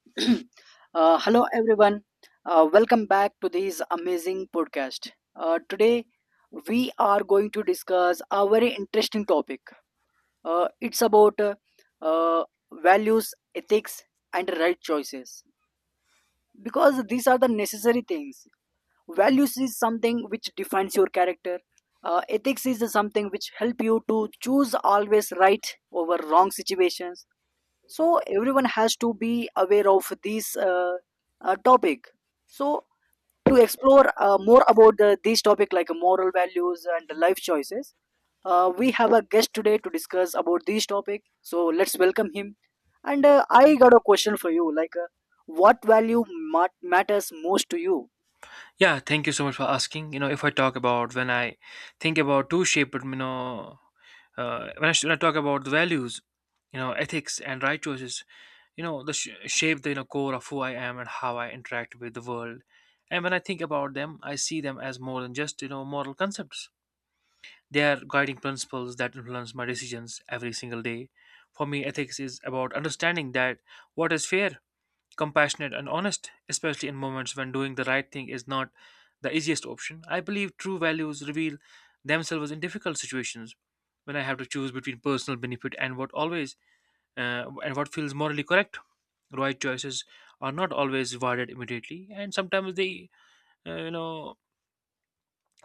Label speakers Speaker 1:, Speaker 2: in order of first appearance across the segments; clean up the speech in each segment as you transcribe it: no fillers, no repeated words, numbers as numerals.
Speaker 1: Hello, everyone. Welcome back to this amazing podcast. Today, we are going to discuss a very interesting topic. It's about uh, values, ethics, and right choices because these are the necessary things. Values is something which defines your character. Ethics is something which help you to choose always right over wrong situations, so everyone has to be aware of this topic. So to explore more about this topic like moral values and life choices, we have a guest today to discuss about this topic, so let's welcome him. And I got a question for you, like, what value matters most to you?
Speaker 2: Yeah, thank you so much for asking. You know, if I talk about when I think about two shape, but you know, when when I talk about the values, you know, ethics and right choices, you know, the shape the you know, core of who I am and how I interact with the world. And when I think about them, I see them as more than just you know moral concepts. They are guiding principles that influence my decisions every single day. For me, ethics is about understanding that what is fair, compassionate and honest, especially in moments when doing the right thing is not the easiest option. I believe true values reveal themselves in difficult situations when I have to choose between personal benefit and what always and what feels morally correct. Right choices are not always rewarded immediately, and sometimes uh, you know,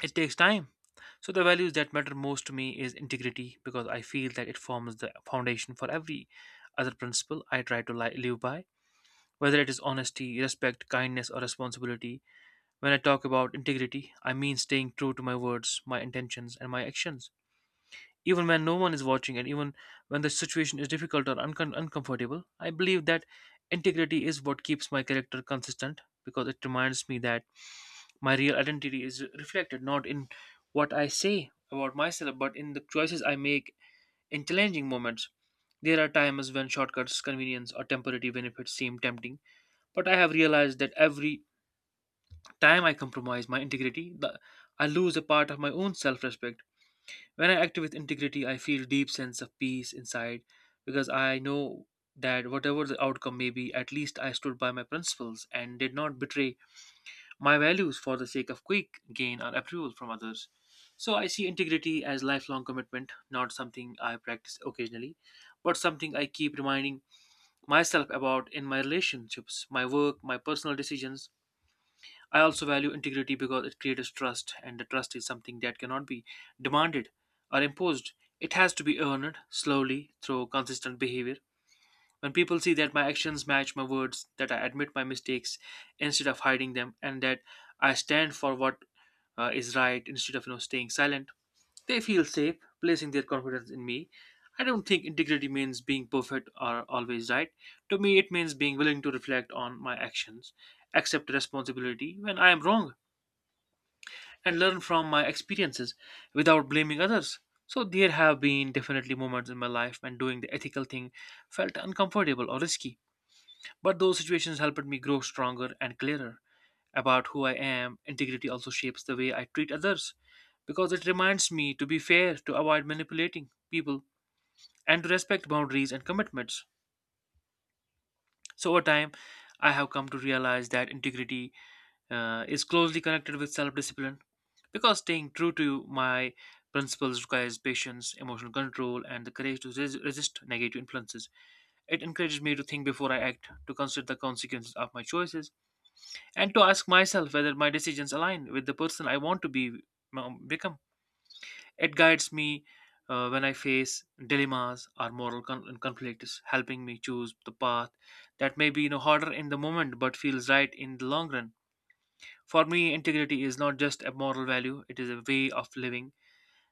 Speaker 2: it takes time. So the values that matter most to me is integrity because I feel that it forms the foundation for every other principle I try to live by whether it is honesty, respect, kindness, or responsibility, when I talk about integrity, I mean staying true to my words, my intentions, and my actions. Even when no one is watching, and even when the situation is difficult or uncomfortable, I believe that integrity is what keeps my character consistent because it reminds me that my real identity is reflected not in what I say about myself, but in the choices I make in challenging moments. There are times when shortcuts, convenience, or temporary benefits seem tempting but I have realized that every time I compromise my integrity, I lose a part of my own self respect. When I act with integrity, I feel deep sense of peace inside because I know that whatever the outcome may be, at least I stood by my principles and did not betray my values for the sake of quick gain or approval from others. So I see integrity as lifelong commitment, not something I practice occasionally, but something I keep reminding myself about in my relationships, my work, my personal decisions. I also value integrity because it creates trust, and the trust is something that cannot be demanded or imposed. It has to be earned slowly through consistent behavior. When people see that my actions match my words, that I admit my mistakes instead of hiding them, and that I stand for what is right instead of you know staying silent, they feel safe, placing their confidence in me. I don't think integrity means being perfect or always right. To me, it means being willing to reflect on my actions, accept responsibility when I am wrong, and learn from my experiences without blaming others. So there have been definitely moments in my life when doing the ethical thing felt uncomfortable or risky, but those situations helped me grow stronger and clearer about who I am. Integrity also shapes the way I treat others because it reminds me to be fair, to avoid manipulating people, and to respect boundaries and commitments. So over time, I have come to realize that integrity is closely connected with self discipline because staying true to my principles requires patience, emotional control, and the courage to resist negative influences. It encourages me to think before I act, to consider the consequences of my choices, and to ask myself whether my decisions align with the person I want to become. It guides me when I face dilemmas or moral conflicts, helping me choose the path that may be you know, harder in the moment but feels right in the long run. For me, integrity is not just a moral value, it is a way of living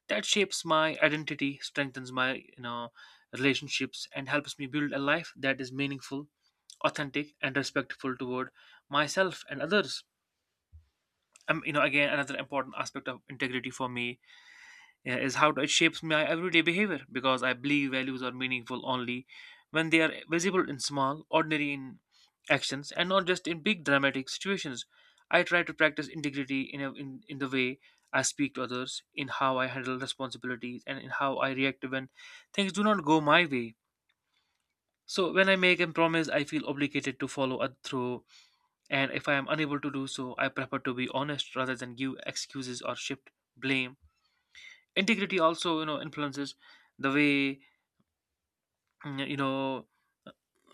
Speaker 2: that shapes my identity, strengthens my you know, relationships, and helps me build a life that is meaningful, authentic, and respectful toward myself and others. Again, another important aspect of integrity for me yeah, is how it shapes my everyday behavior because I believe values are meaningful only when they are visible in small, ordinary in actions and not just in big dramatic situations. I try to practice integrity in the way I speak to others, in how I handle responsibilities, and in how I react when things do not go my way. So, when I make a promise, I feel obligated to follow it through, and if I am unable to do so, I prefer to be honest rather than give excuses or shift blame. Integrity also you know influences the way mm, you know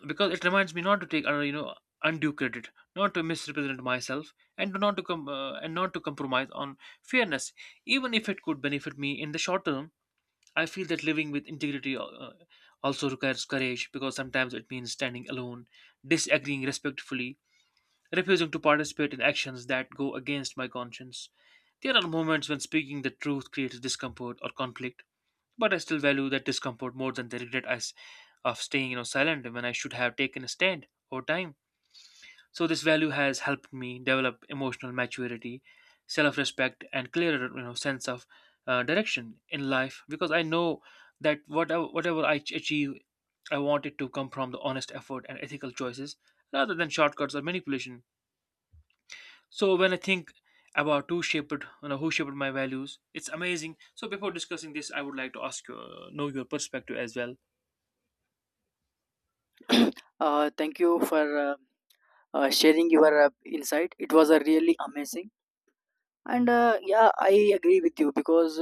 Speaker 2: because it reminds me not to take undue credit, not to misrepresent myself, and to not to com- and not to compromise on fairness even if it could benefit me in the short term. I feel that living with integrity also requires courage because sometimes it means standing alone, disagreeing respectfully, refusing to participate in actions that go against my conscience. There are moments when speaking the truth creates discomfort or conflict but I still value that discomfort more than the regret of staying, you know, silent when I should have taken a stand over time. So this value has helped me develop emotional maturity, self-respect, and clearer, you know, sense of direction in life because I know that whatever I achieve, I want it to come from the honest effort and ethical choices rather than shortcuts or manipulation. So when I think about who shaped my values it's amazing. So before discussing this I would like to ask you know your perspective as well.
Speaker 1: Thank you for sharing your insight. It was really amazing. And yeah, I agree with you, because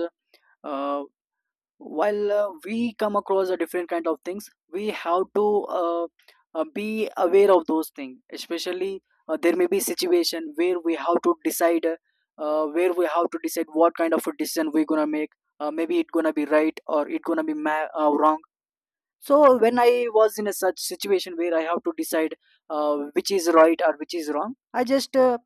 Speaker 1: uh, while we come across a different kind of things, we have to be aware of those things, especially there may be situation where we have to decide, what kind of a decision we're gonna make. Maybe it's gonna be right, or it's gonna be wrong. So when I was in a such situation where I have to decide which is right or which is wrong, I just uh,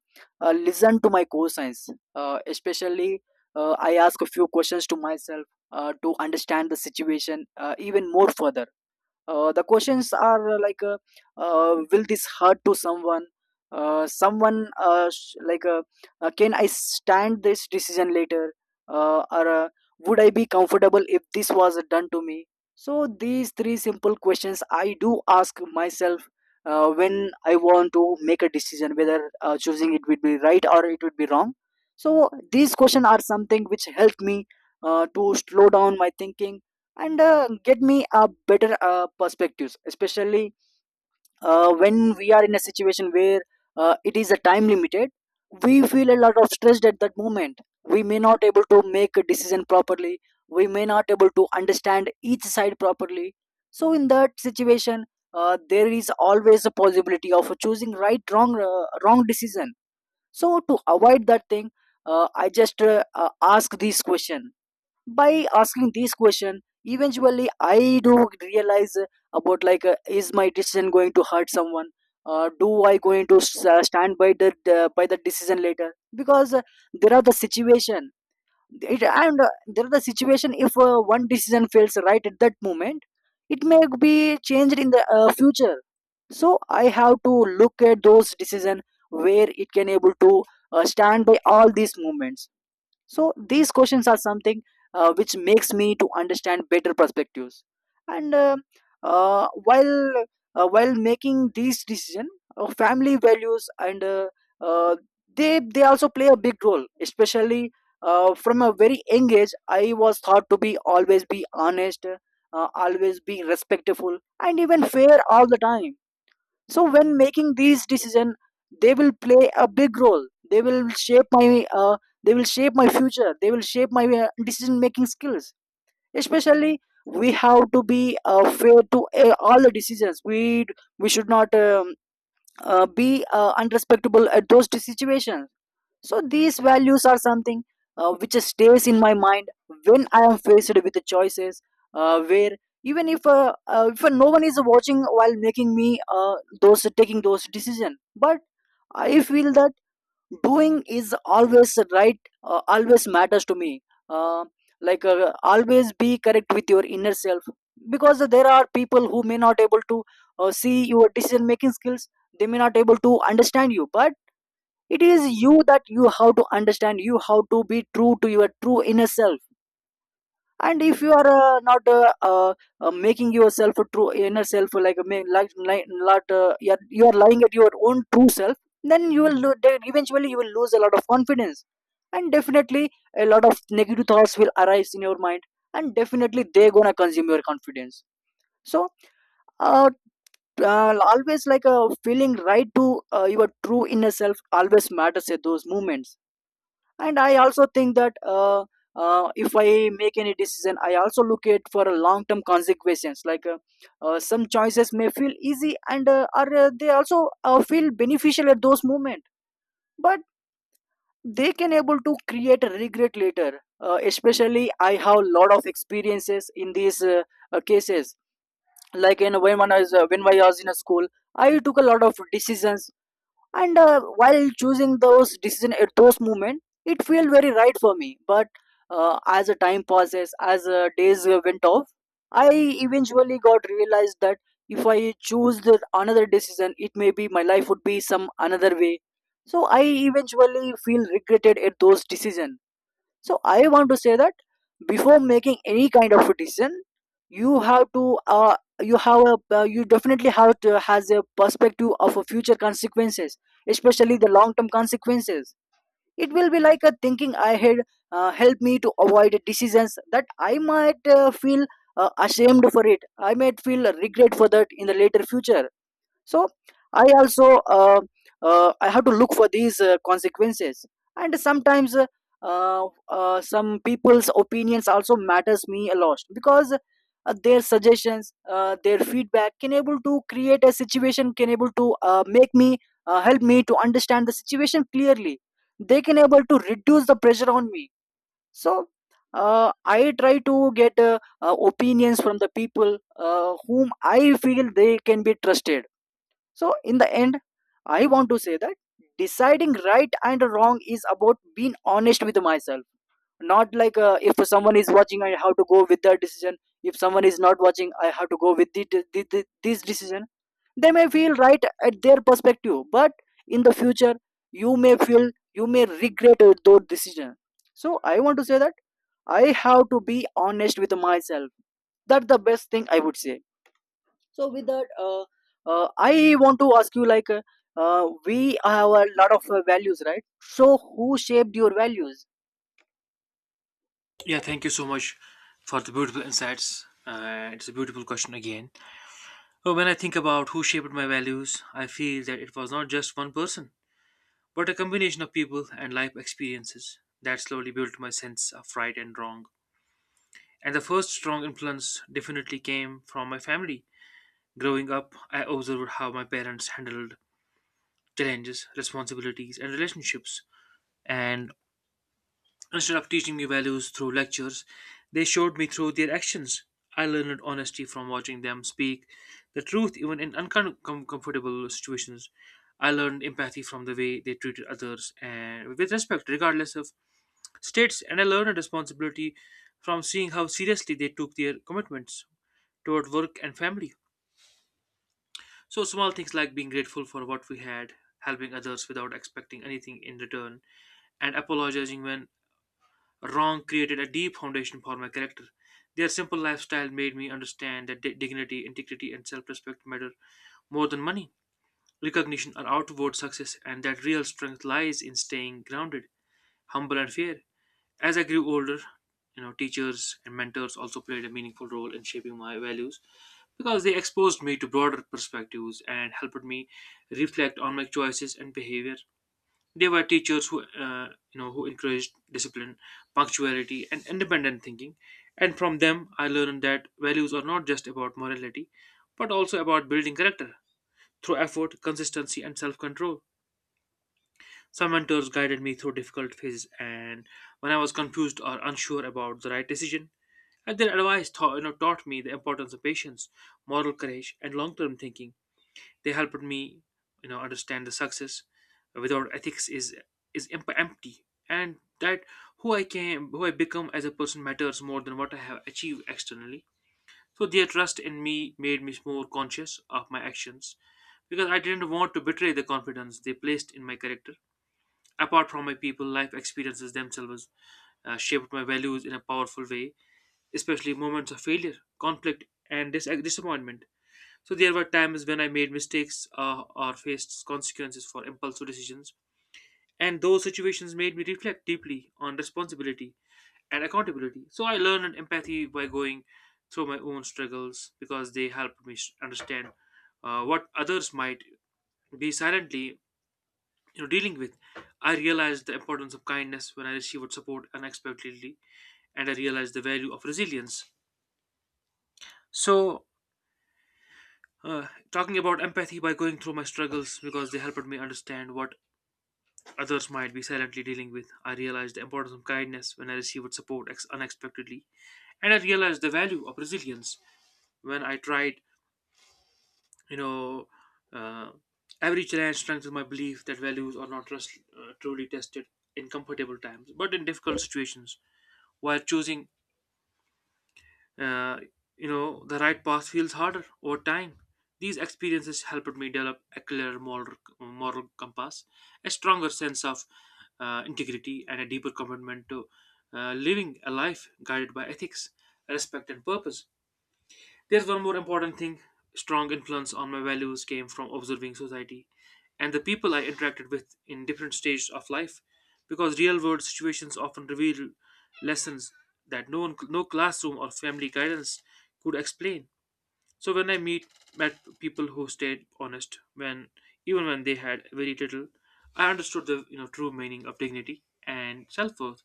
Speaker 1: uh, listen to my co-science. Especially, I ask a few questions to myself to understand the situation even more further. The questions are, like, will this hurt to someone? Uh, someone uh, sh- like, uh, can I stand this decision later? Or, would I be comfortable if this was done to me? So these three simple questions I do ask myself when I want to make a decision whether choosing it would be right or it would be wrong. So these questions are something which help me to slow down my thinking and get me a better perspectives, especially when we are in a situation where it is a time limited. We feel a lot of stress at that moment. We may not able to make a decision properly. We may not able to understand each side properly. So in that situation, there is always a possibility of choosing wrong decision. So to avoid that thing, I just ask this question. By asking these question, eventually I do realize about like is my decision going to hurt someone? Do I going to stand by by the decision later? Because there are the situation, it, and there are the situation if one decision fails right at that moment, it may be changed in the future. So I have to look at those decision where it can able to stand by all these moments. So these questions are something which makes me to understand better perspectives. And uh, while while making these decision, family values and uh, they also play a big role, especially from a very young age I was taught to be always be honest, always be respectful, and even fair all the time. So when making these decision, they will play a big role. They will shape my uh, they will shape my future. They will shape my decision making skills. Especially, we have to be fair to all the decisions we. We should not be unrespectable at those situations. So these values are something which stays in my mind when I am faced with the choices where, even if no one is watching while making me those taking those decision, but I feel that doing is always right, always matters to me. Uh, like, always be correct with your inner self, because there are people who may not able to see your decision making skills. They may not able to understand you, but it is you that you have to understand. You have to be true to your true inner self. And if you are not making yourself a true inner self, like, ma- like not you are lying at your own true self, then you will then eventually you will lose a lot of confidence. And definitely a lot of negative thoughts will arise in your mind, and definitely they're gonna consume your confidence. So uh, always like feeling right to your true inner self always matters at those moments. And I also think that if I make any decision, I also look at for a long term consequences, like, some choices may feel easy, and are they also feel beneficial at those moment, but they can able to create a regret later. Especially, I have lot of experiences in these cases, like in when I was in a school. I took a lot of decisions, and while choosing those decision at those moment, it felt very right for me. But as the time passes, as days went off, I eventually got realized that if I choose the another decision, it may be my life would be some another way. So I eventually feel regretted at those decision. So I want to say that before making any kind of decision, you have a you definitely have to has a perspective of a future consequences, especially the long term consequences. It will be like a thinking ahead. Help me to avoid decisions that I might feel ashamed for it. I might feel regret for that in the later future. So I also uh, I have to look for these consequences. And sometimes some people's opinions also matters me a lot, because their suggestions, their feedback can able to create a situation, can able to make me, help me to understand the situation clearly. They can able to reduce the pressure on me. So I try to get opinions from the people whom I feel they can be trusted. So, in the end, I want to say that deciding right and wrong is about being honest with myself. Not like, if someone is watching, I have to go with that decision. If someone is not watching, I have to go with this decision. They may feel right at their perspective, but in the future, you may feel you may regret those decisions. So, I want to say that I have to be honest with myself. That's the best thing I would say. So with that, I want to ask you, like, we have a lot of values, right? So who shaped your values?
Speaker 2: Yeah, thank you so much for the beautiful insights. It's a beautiful question again. When I think about who shaped my values, I feel that it was not just one person, but a combination of people and life experiences that slowly built my sense of right and wrong. And the first strong influence definitely came from my family. Growing up, I observed how my parents handled challenges, responsibilities, and relationships, and instead of teaching me values through lectures, they showed me through their actions. I learned honesty from watching them speak the truth even in uncomfortable situations. I learned empathy from the way they treated others and with respect, regardless of states. And I learned responsibility from seeing how seriously they took their commitments toward work and family. So, small things like being grateful for what we had, helping others without expecting anything in return, and apologizing when wrong created a deep foundation for my character. Their simple lifestyle made me understand that dignity, integrity, and self respect matter more than money, recognition, or outward success, and that real strength lies in staying grounded, humble, and fair. As I grew older, you know, teachers and mentors also played a meaningful role in shaping my values because they exposed me to broader perspectives and helped me reflect on my choices and behavior. They were teachers who who encouraged discipline, punctuality, and independent thinking. And from them, I learned that values are not just about morality, but also about building character through effort, consistency, and self-control. Some mentors guided me through difficult phases, and when I was confused or unsure about the right decision, and their advice taught me the importance of patience, moral courage, and long-term thinking. They helped me, you know, understand the success without ethics is empty, and that who I become as a person matters more than what I have achieved externally. So their trust in me made me more conscious of my actions because I didn't want to betray the confidence they placed in my character. Apart from my people, life experiences themselves shaped my values in a powerful way, especially moments of failure, conflict, and disappointment. So there were times when I made mistakes or faced consequences for impulsive decisions, and those situations made me reflect deeply on responsibility and accountability. So I learned empathy by going through my own struggles because they helped me understand what others might be silently you know, dealing with. I realized the importance of kindness when I received support unexpectedly, and I realized the value of resilience. So talking about empathy by going through my struggles because they helped me understand what others might be silently dealing with. I realized the importance of kindness when I received support unexpectedly, and I realized the value of resilience when I tried. You know, uh, every challenge strengthens my belief that values are not truly tested in comfortable times, but in difficult situations. While choosing Uh, you know, the right path feels harder over time. These experiences helped me develop a clearer moral compass, a stronger sense of integrity, and a deeper commitment to living a life guided by ethics, respect, and purpose. There's one more important thing. Strong influence on my values came from observing society and the people I interacted with in different stages of life, because real world situations often reveal lessons that no one, no classroom or family guidance could explain. So when I meet met people who stayed honest when even when they had very little, I understood the true meaning of dignity and self worth.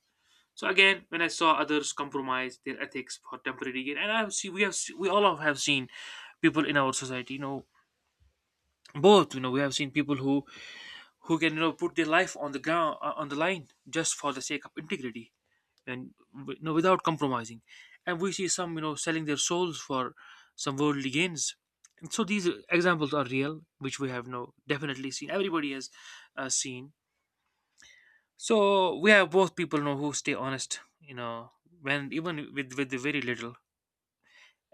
Speaker 2: So again, when I saw others compromise their ethics for temporary gain, and I see we all have seen people in our society, both, we have seen people who can put their life on the ground on the line just for the sake of integrity and without compromising, and we see some selling their souls for some worldly gains. And so these examples are real, which we have no definitely seen. Everybody has seen. So we have both people who stay honest, you know, when even with very little.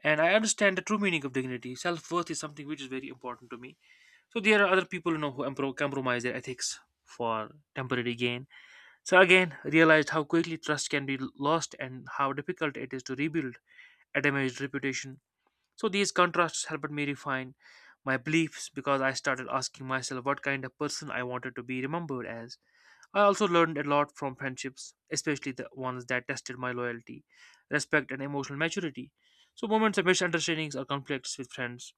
Speaker 2: And I understand the true meaning of dignity. Self worth is something which is very important to me. So there are other people who compromise their ethics for temporary gain. So again, realized how quickly trust can be lost and how difficult it is to rebuild a damaged reputation. So these contrasts helped me refine my beliefs because I started asking myself what kind of person I wanted to be remembered as. I also learned a lot from friendships, especially the ones that tested my loyalty, respect, and emotional maturity. So, moments of misunderstandings or conflicts with friends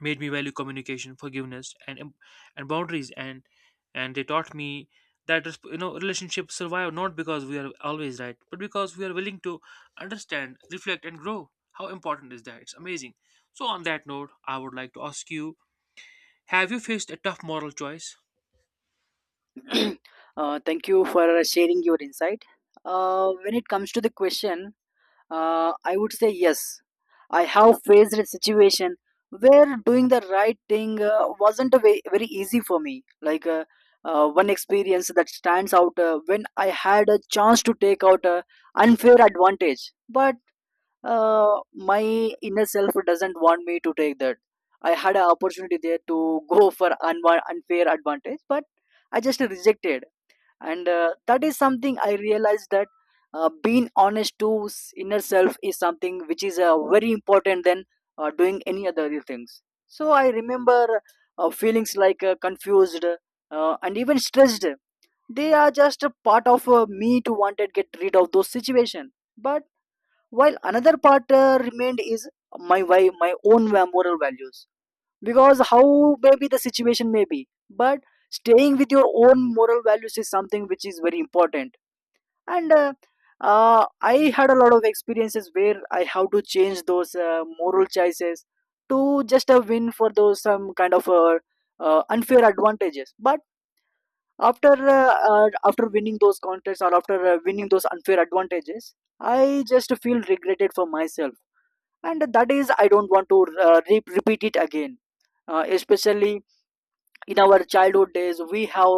Speaker 2: made me value communication, forgiveness, and boundaries, and they taught me that relationships survive not because we are always right, but because we are willing to understand, reflect, and grow. How important is that? It's amazing. So, on that note, I would like to ask you: have you faced a tough moral choice?
Speaker 1: Thank you for sharing your insight. When it comes to the question, I would say yes. I have faced a situation where doing the right thing wasn't a very easy for me. Like, one experience that stands out, when I had a chance to take out a unfair advantage, but my inner self doesn't want me to take that. I had an opportunity there to go for unfair advantage, but I just rejected. And that is something I realized that being honest to inner self is something which is very important than doing any other things. So I remember feelings like confused and even stressed. They are just a part of me to wanted get rid of those situation, but while another part remained is my moral values, because how maybe the situation may be, but staying with your own moral values is something which is very important. And I had a lot of experiences where I have to change those moral choices to just a win for those some kind of unfair advantages, but after after winning those contests or after winning those unfair advantages, I just feel regretted for myself. And that is I don't want to repeat it again. Especially in our childhood days, we have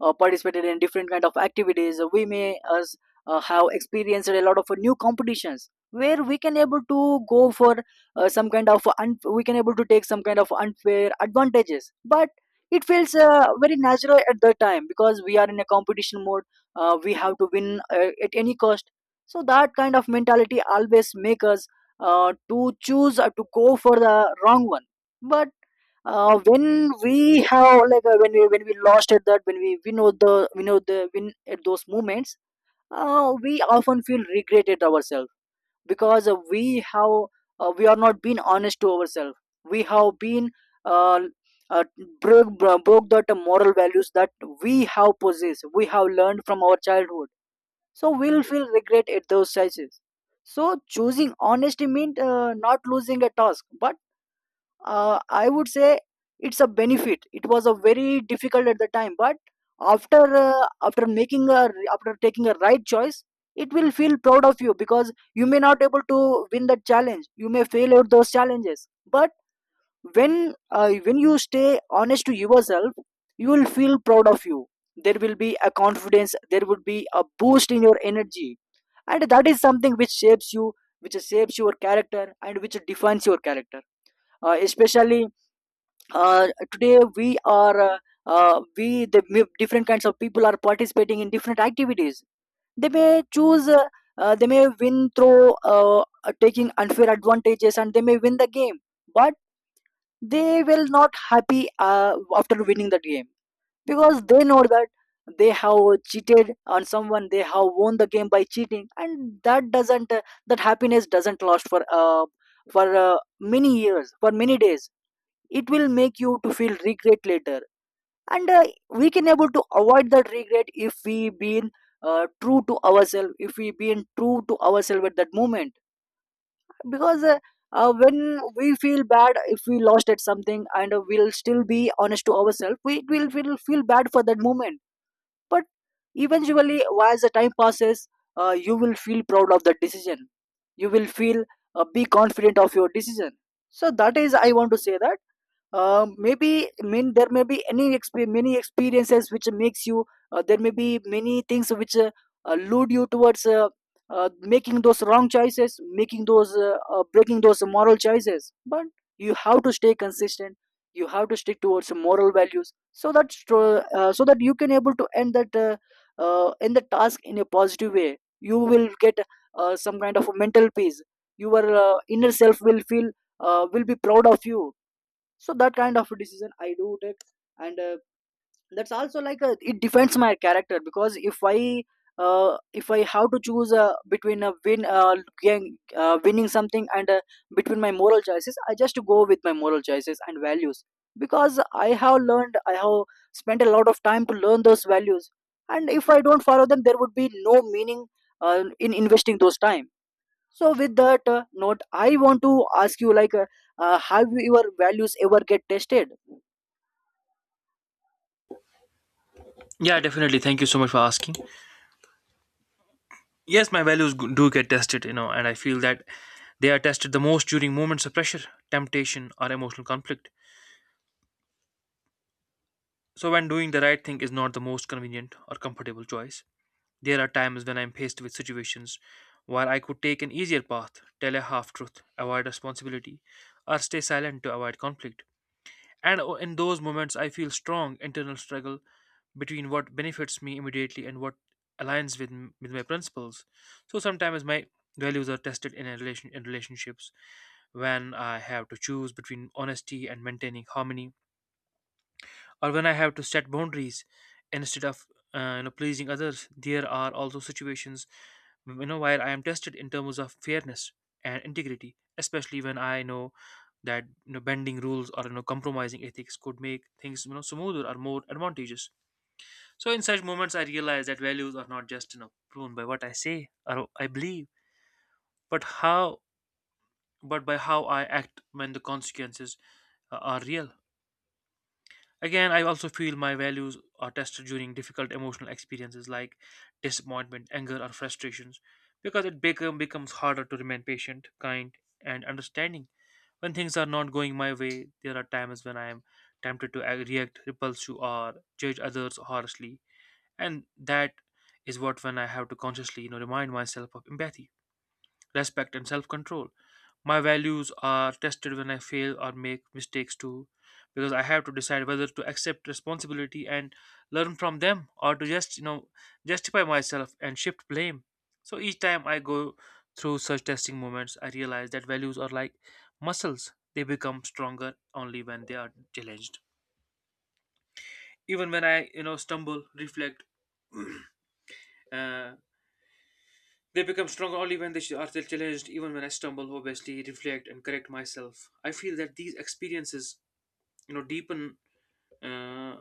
Speaker 1: participated in different kind of activities. We may as have experienced a lot of new competitions where we can able to go for some kind of un- we can able to take some kind of unfair advantages, but it feels very natural at the time because we are in a competition mode. We have to win at any cost. So that kind of mentality always make us to choose to go for the wrong one. But when we have like, when we lost at that, when we know the win at those moments, we often feel regretted ourselves. Because we are not being honest to ourselves. We have been uh, uh, broke that moral values that we have possessed, we have learned from our childhood. So we'll feel regret at those sizes. So choosing honesty means not losing a task, but I would say it's a benefit. It was a very difficult at the time, but after after making a after taking a right choice, it will feel proud of you because you may not able to win that challenge. You may fail at those challenges, but when you stay honest to yourself, you will feel proud of you. There will be a confidence. There would be a boost in your energy, and that is something which shapes you, which shapes your character, and which defines your character. Especially today we the different kinds of people are participating in different activities. They may choose they may win through taking unfair advantages, and they may win the game, but they will not happy after winning that game, because they know that they have cheated on someone. They have won the game by cheating, and that doesn't that happiness doesn't last for many years, for many days. It will make you to feel regret later. And we can able to avoid that regret if we been true to ourselves if we been true to ourselves at that moment. Because when we feel bad, if we lost at something, and we'll still be honest to ourselves, we will feel bad for that moment, but eventually, as the time passes, you will feel proud of that decision. You will feel be confident of your decision. So that is I want to say that, maybe I mean there may be many experiences which makes you. There may be many things which allude you towards making those wrong choices, making those breaking those moral choices. But you have to stay consistent. You have to stick towards moral values, so that so that you can able to end that end the task in a positive way. You will get some kind of a mental peace. Your inner self will feel will be proud of you. So that kind of decision I do take. And that's also like a, it defines my character, because if I if I have to choose between a win, winning something, and between my moral choices, I just go with my moral choices and values. Because I have learned, I have spent a lot of time to learn those values, and if I don't follow them, there would be no meaning in investing those time. So with that note, I want to ask you like, have your values ever get tested?
Speaker 2: Yeah, definitely. Thank you so much for asking. Yes, do get tested, you know, and I feel that they are tested the most during moments of pressure, temptation, or emotional conflict. So, when doing the right thing is not the most convenient or comfortable choice, there are times when I am faced with situations where I could take an easier path, tell a half truth, avoid responsibility, or stay silent to avoid conflict. And in those moments, I feel strong internal struggle between what benefits me immediately and what with my principles. So sometimes my values are tested in relationships when I have to choose between honesty and maintaining harmony or when I have to set boundaries instead of pleasing others. There are also situations while I am tested in terms of fairness and integrity, especially when I know that bending rules or compromising ethics could make things smoother or more advantageous. So in such moments, I realize that values are not just proven by what I say or I believe, but how but by how I act when the consequences are real. Again, I also feel my values are tested during difficult emotional experiences like disappointment, anger, or frustrations because becomes harder to remain patient, kind, and understanding. When things are not going my way, there are times when I am tempted to react repulse you, or judge others harshly, and that is what when I have to consciously, you know, remind myself of empathy, respect, and self control. My values are tested when I fail or make mistakes too, because I have to decide whether to accept responsibility and learn from them or to just, you know, justify myself and shift blame. So each time I go through such testing moments, I realize that values are like muscles; they become stronger only when they are challenged. Even when I, you know, stumble, reflect, uh, they become stronger only when they are still challenged, even when I stumble, obviously, reflect and correct myself. I feel that these experiences, you know, deepen uh,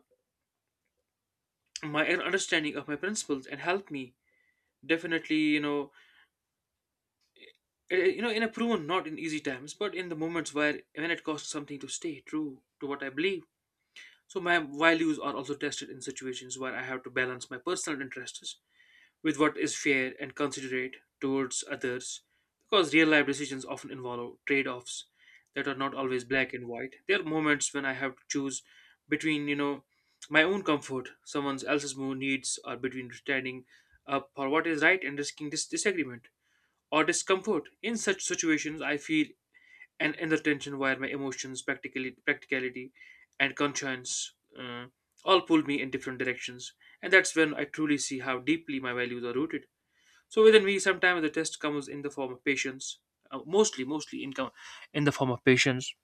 Speaker 2: my understanding of my principles and help me definitely, you know, you know, in a proven not in easy times, but in the moments where when it costs something to stay true to what I believe. So my values are also tested in situations where I have to balance my personal interests with what is fair and considerate towards others because real life decisions often involve trade offs that are not always black and white. There are moments when I have to choose between, you know, my own comfort, someone else's more needs, or between standing up for what is right and risking disagreement or discomfort. In such situations, I feel an inner tension where my emotions, practicality, and conscience uh, all pull me in different directions. And that's when I truly see how deeply my values are rooted. So within me, sometimes the test comes in the form of patience, uh, mostly, mostly in, com- in the form of patience,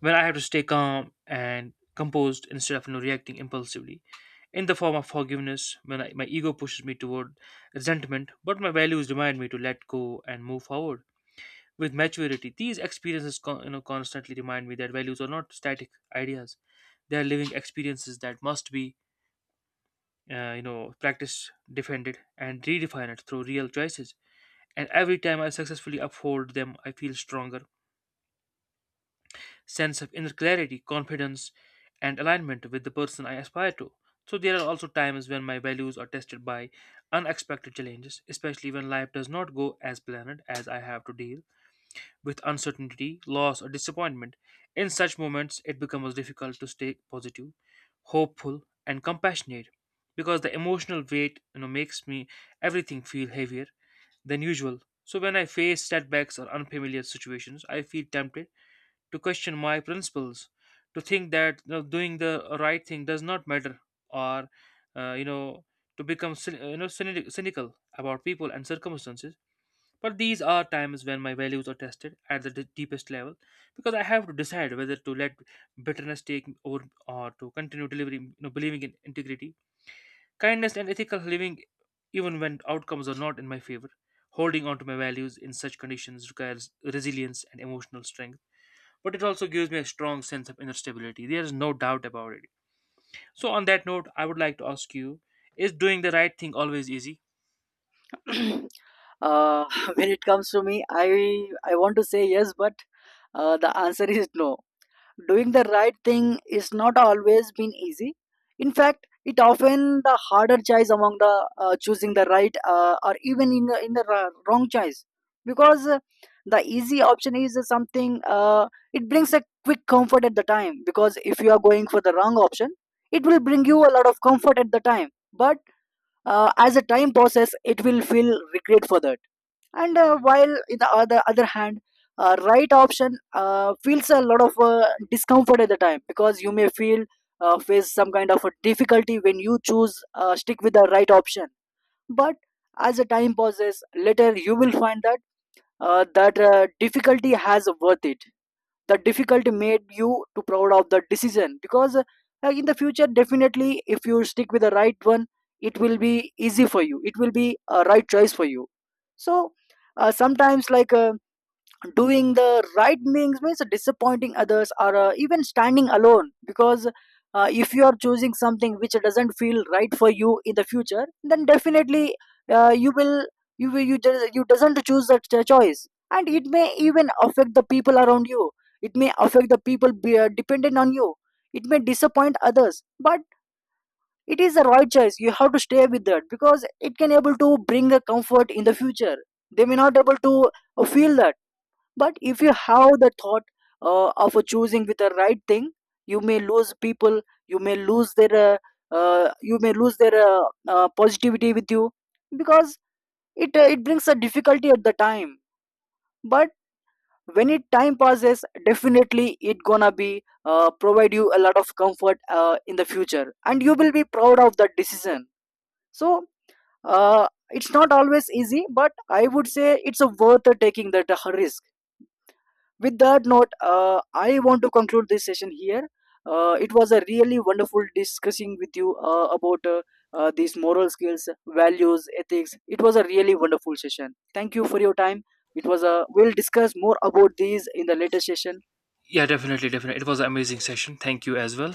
Speaker 2: where I have to stay calm and composed instead of, you know, reacting impulsively. In the form of forgiveness, my ego pushes me toward resentment, but my values remind me to let go and move forward. With maturity, these experiences you know, constantly remind me that values are not static ideas; they are living experiences that must be, you know, practiced, defended, and redefined through real choices. And every time I successfully uphold them, I feel stronger sense of inner clarity, confidence, and alignment with the person I aspire to. So there are also times when my values are tested by unexpected challenges, especially when life does not go as planned as I have to deal with uncertainty, loss, or disappointment. In such moments, it becomes difficult to stay positive, hopeful, and compassionate because the emotional weight makes me everything feel heavier than usual. So when I face setbacks or unfamiliar situations, I feel tempted to question my principles, to think that, you know, doing the right thing does not matter, or you know, to become you know, cynical about people and circumstances. But these are times when my values are tested at the deepest level, because I have to decide whether to let bitterness take over or to continue delivering, you know, believing in integrity, kindness and ethical living, even when outcomes are not in my favor. Holding on to my values in such conditions requires resilience and emotional strength, but it also gives me a strong sense of inner stability. There is no doubt about it. So, on that note, I would like to ask you, is doing the right thing always easy?
Speaker 1: uh, when it comes to me, I want to say yes, but the answer is no. Doing the right thing is not always been easy. In fact, it often the harder choice among the choosing the right or even in wrong choice. Because the easy option is something, it brings a quick comfort at the time, because if you are going for the wrong option, it will bring you a lot of comfort at the time, but as a time process, it will feel regret for that. And while in the other hand, right option feels a lot of discomfort at the time, because you may feel face some kind of a difficulty when you choose stick with the right option. But as the time passes later, you will find that difficulty has worth it. The difficulty made you too proud of the decision. Because in the future definitely, if you stick with the right one, it will be easy for you, it will be a right choice for you. So sometimes, doing the right things means disappointing others, or even standing alone. Because if you are choosing something which doesn't feel right for you in the future, then definitely you will you doesn't choose that choice, and it may even affect the people around you. It may affect the people dependent on you. It may disappoint others, but it is the right choice, you have to stay with that, because it can able to bring a comfort in the future. They may not able to feel that, but if you have the thought of choosing with the right thing, you may lose people. You may lose their. You may lose their positivity with you, because it it brings a difficulty at the time. But when it time passes, definitely it gonna be provide you a lot of comfort in the future, and you will be proud of that decision. So it's not always easy, but I would say it's a worth taking that risk. With that note, I want to conclude this session here. It was a really wonderful discussing with you about these moral skills, values, ethics. It was a really wonderful session. Thank you for your time. It was a we'll discuss more about these in the later session.
Speaker 2: Yeah, definitely, definitely. It was an amazing session. Thank you as well.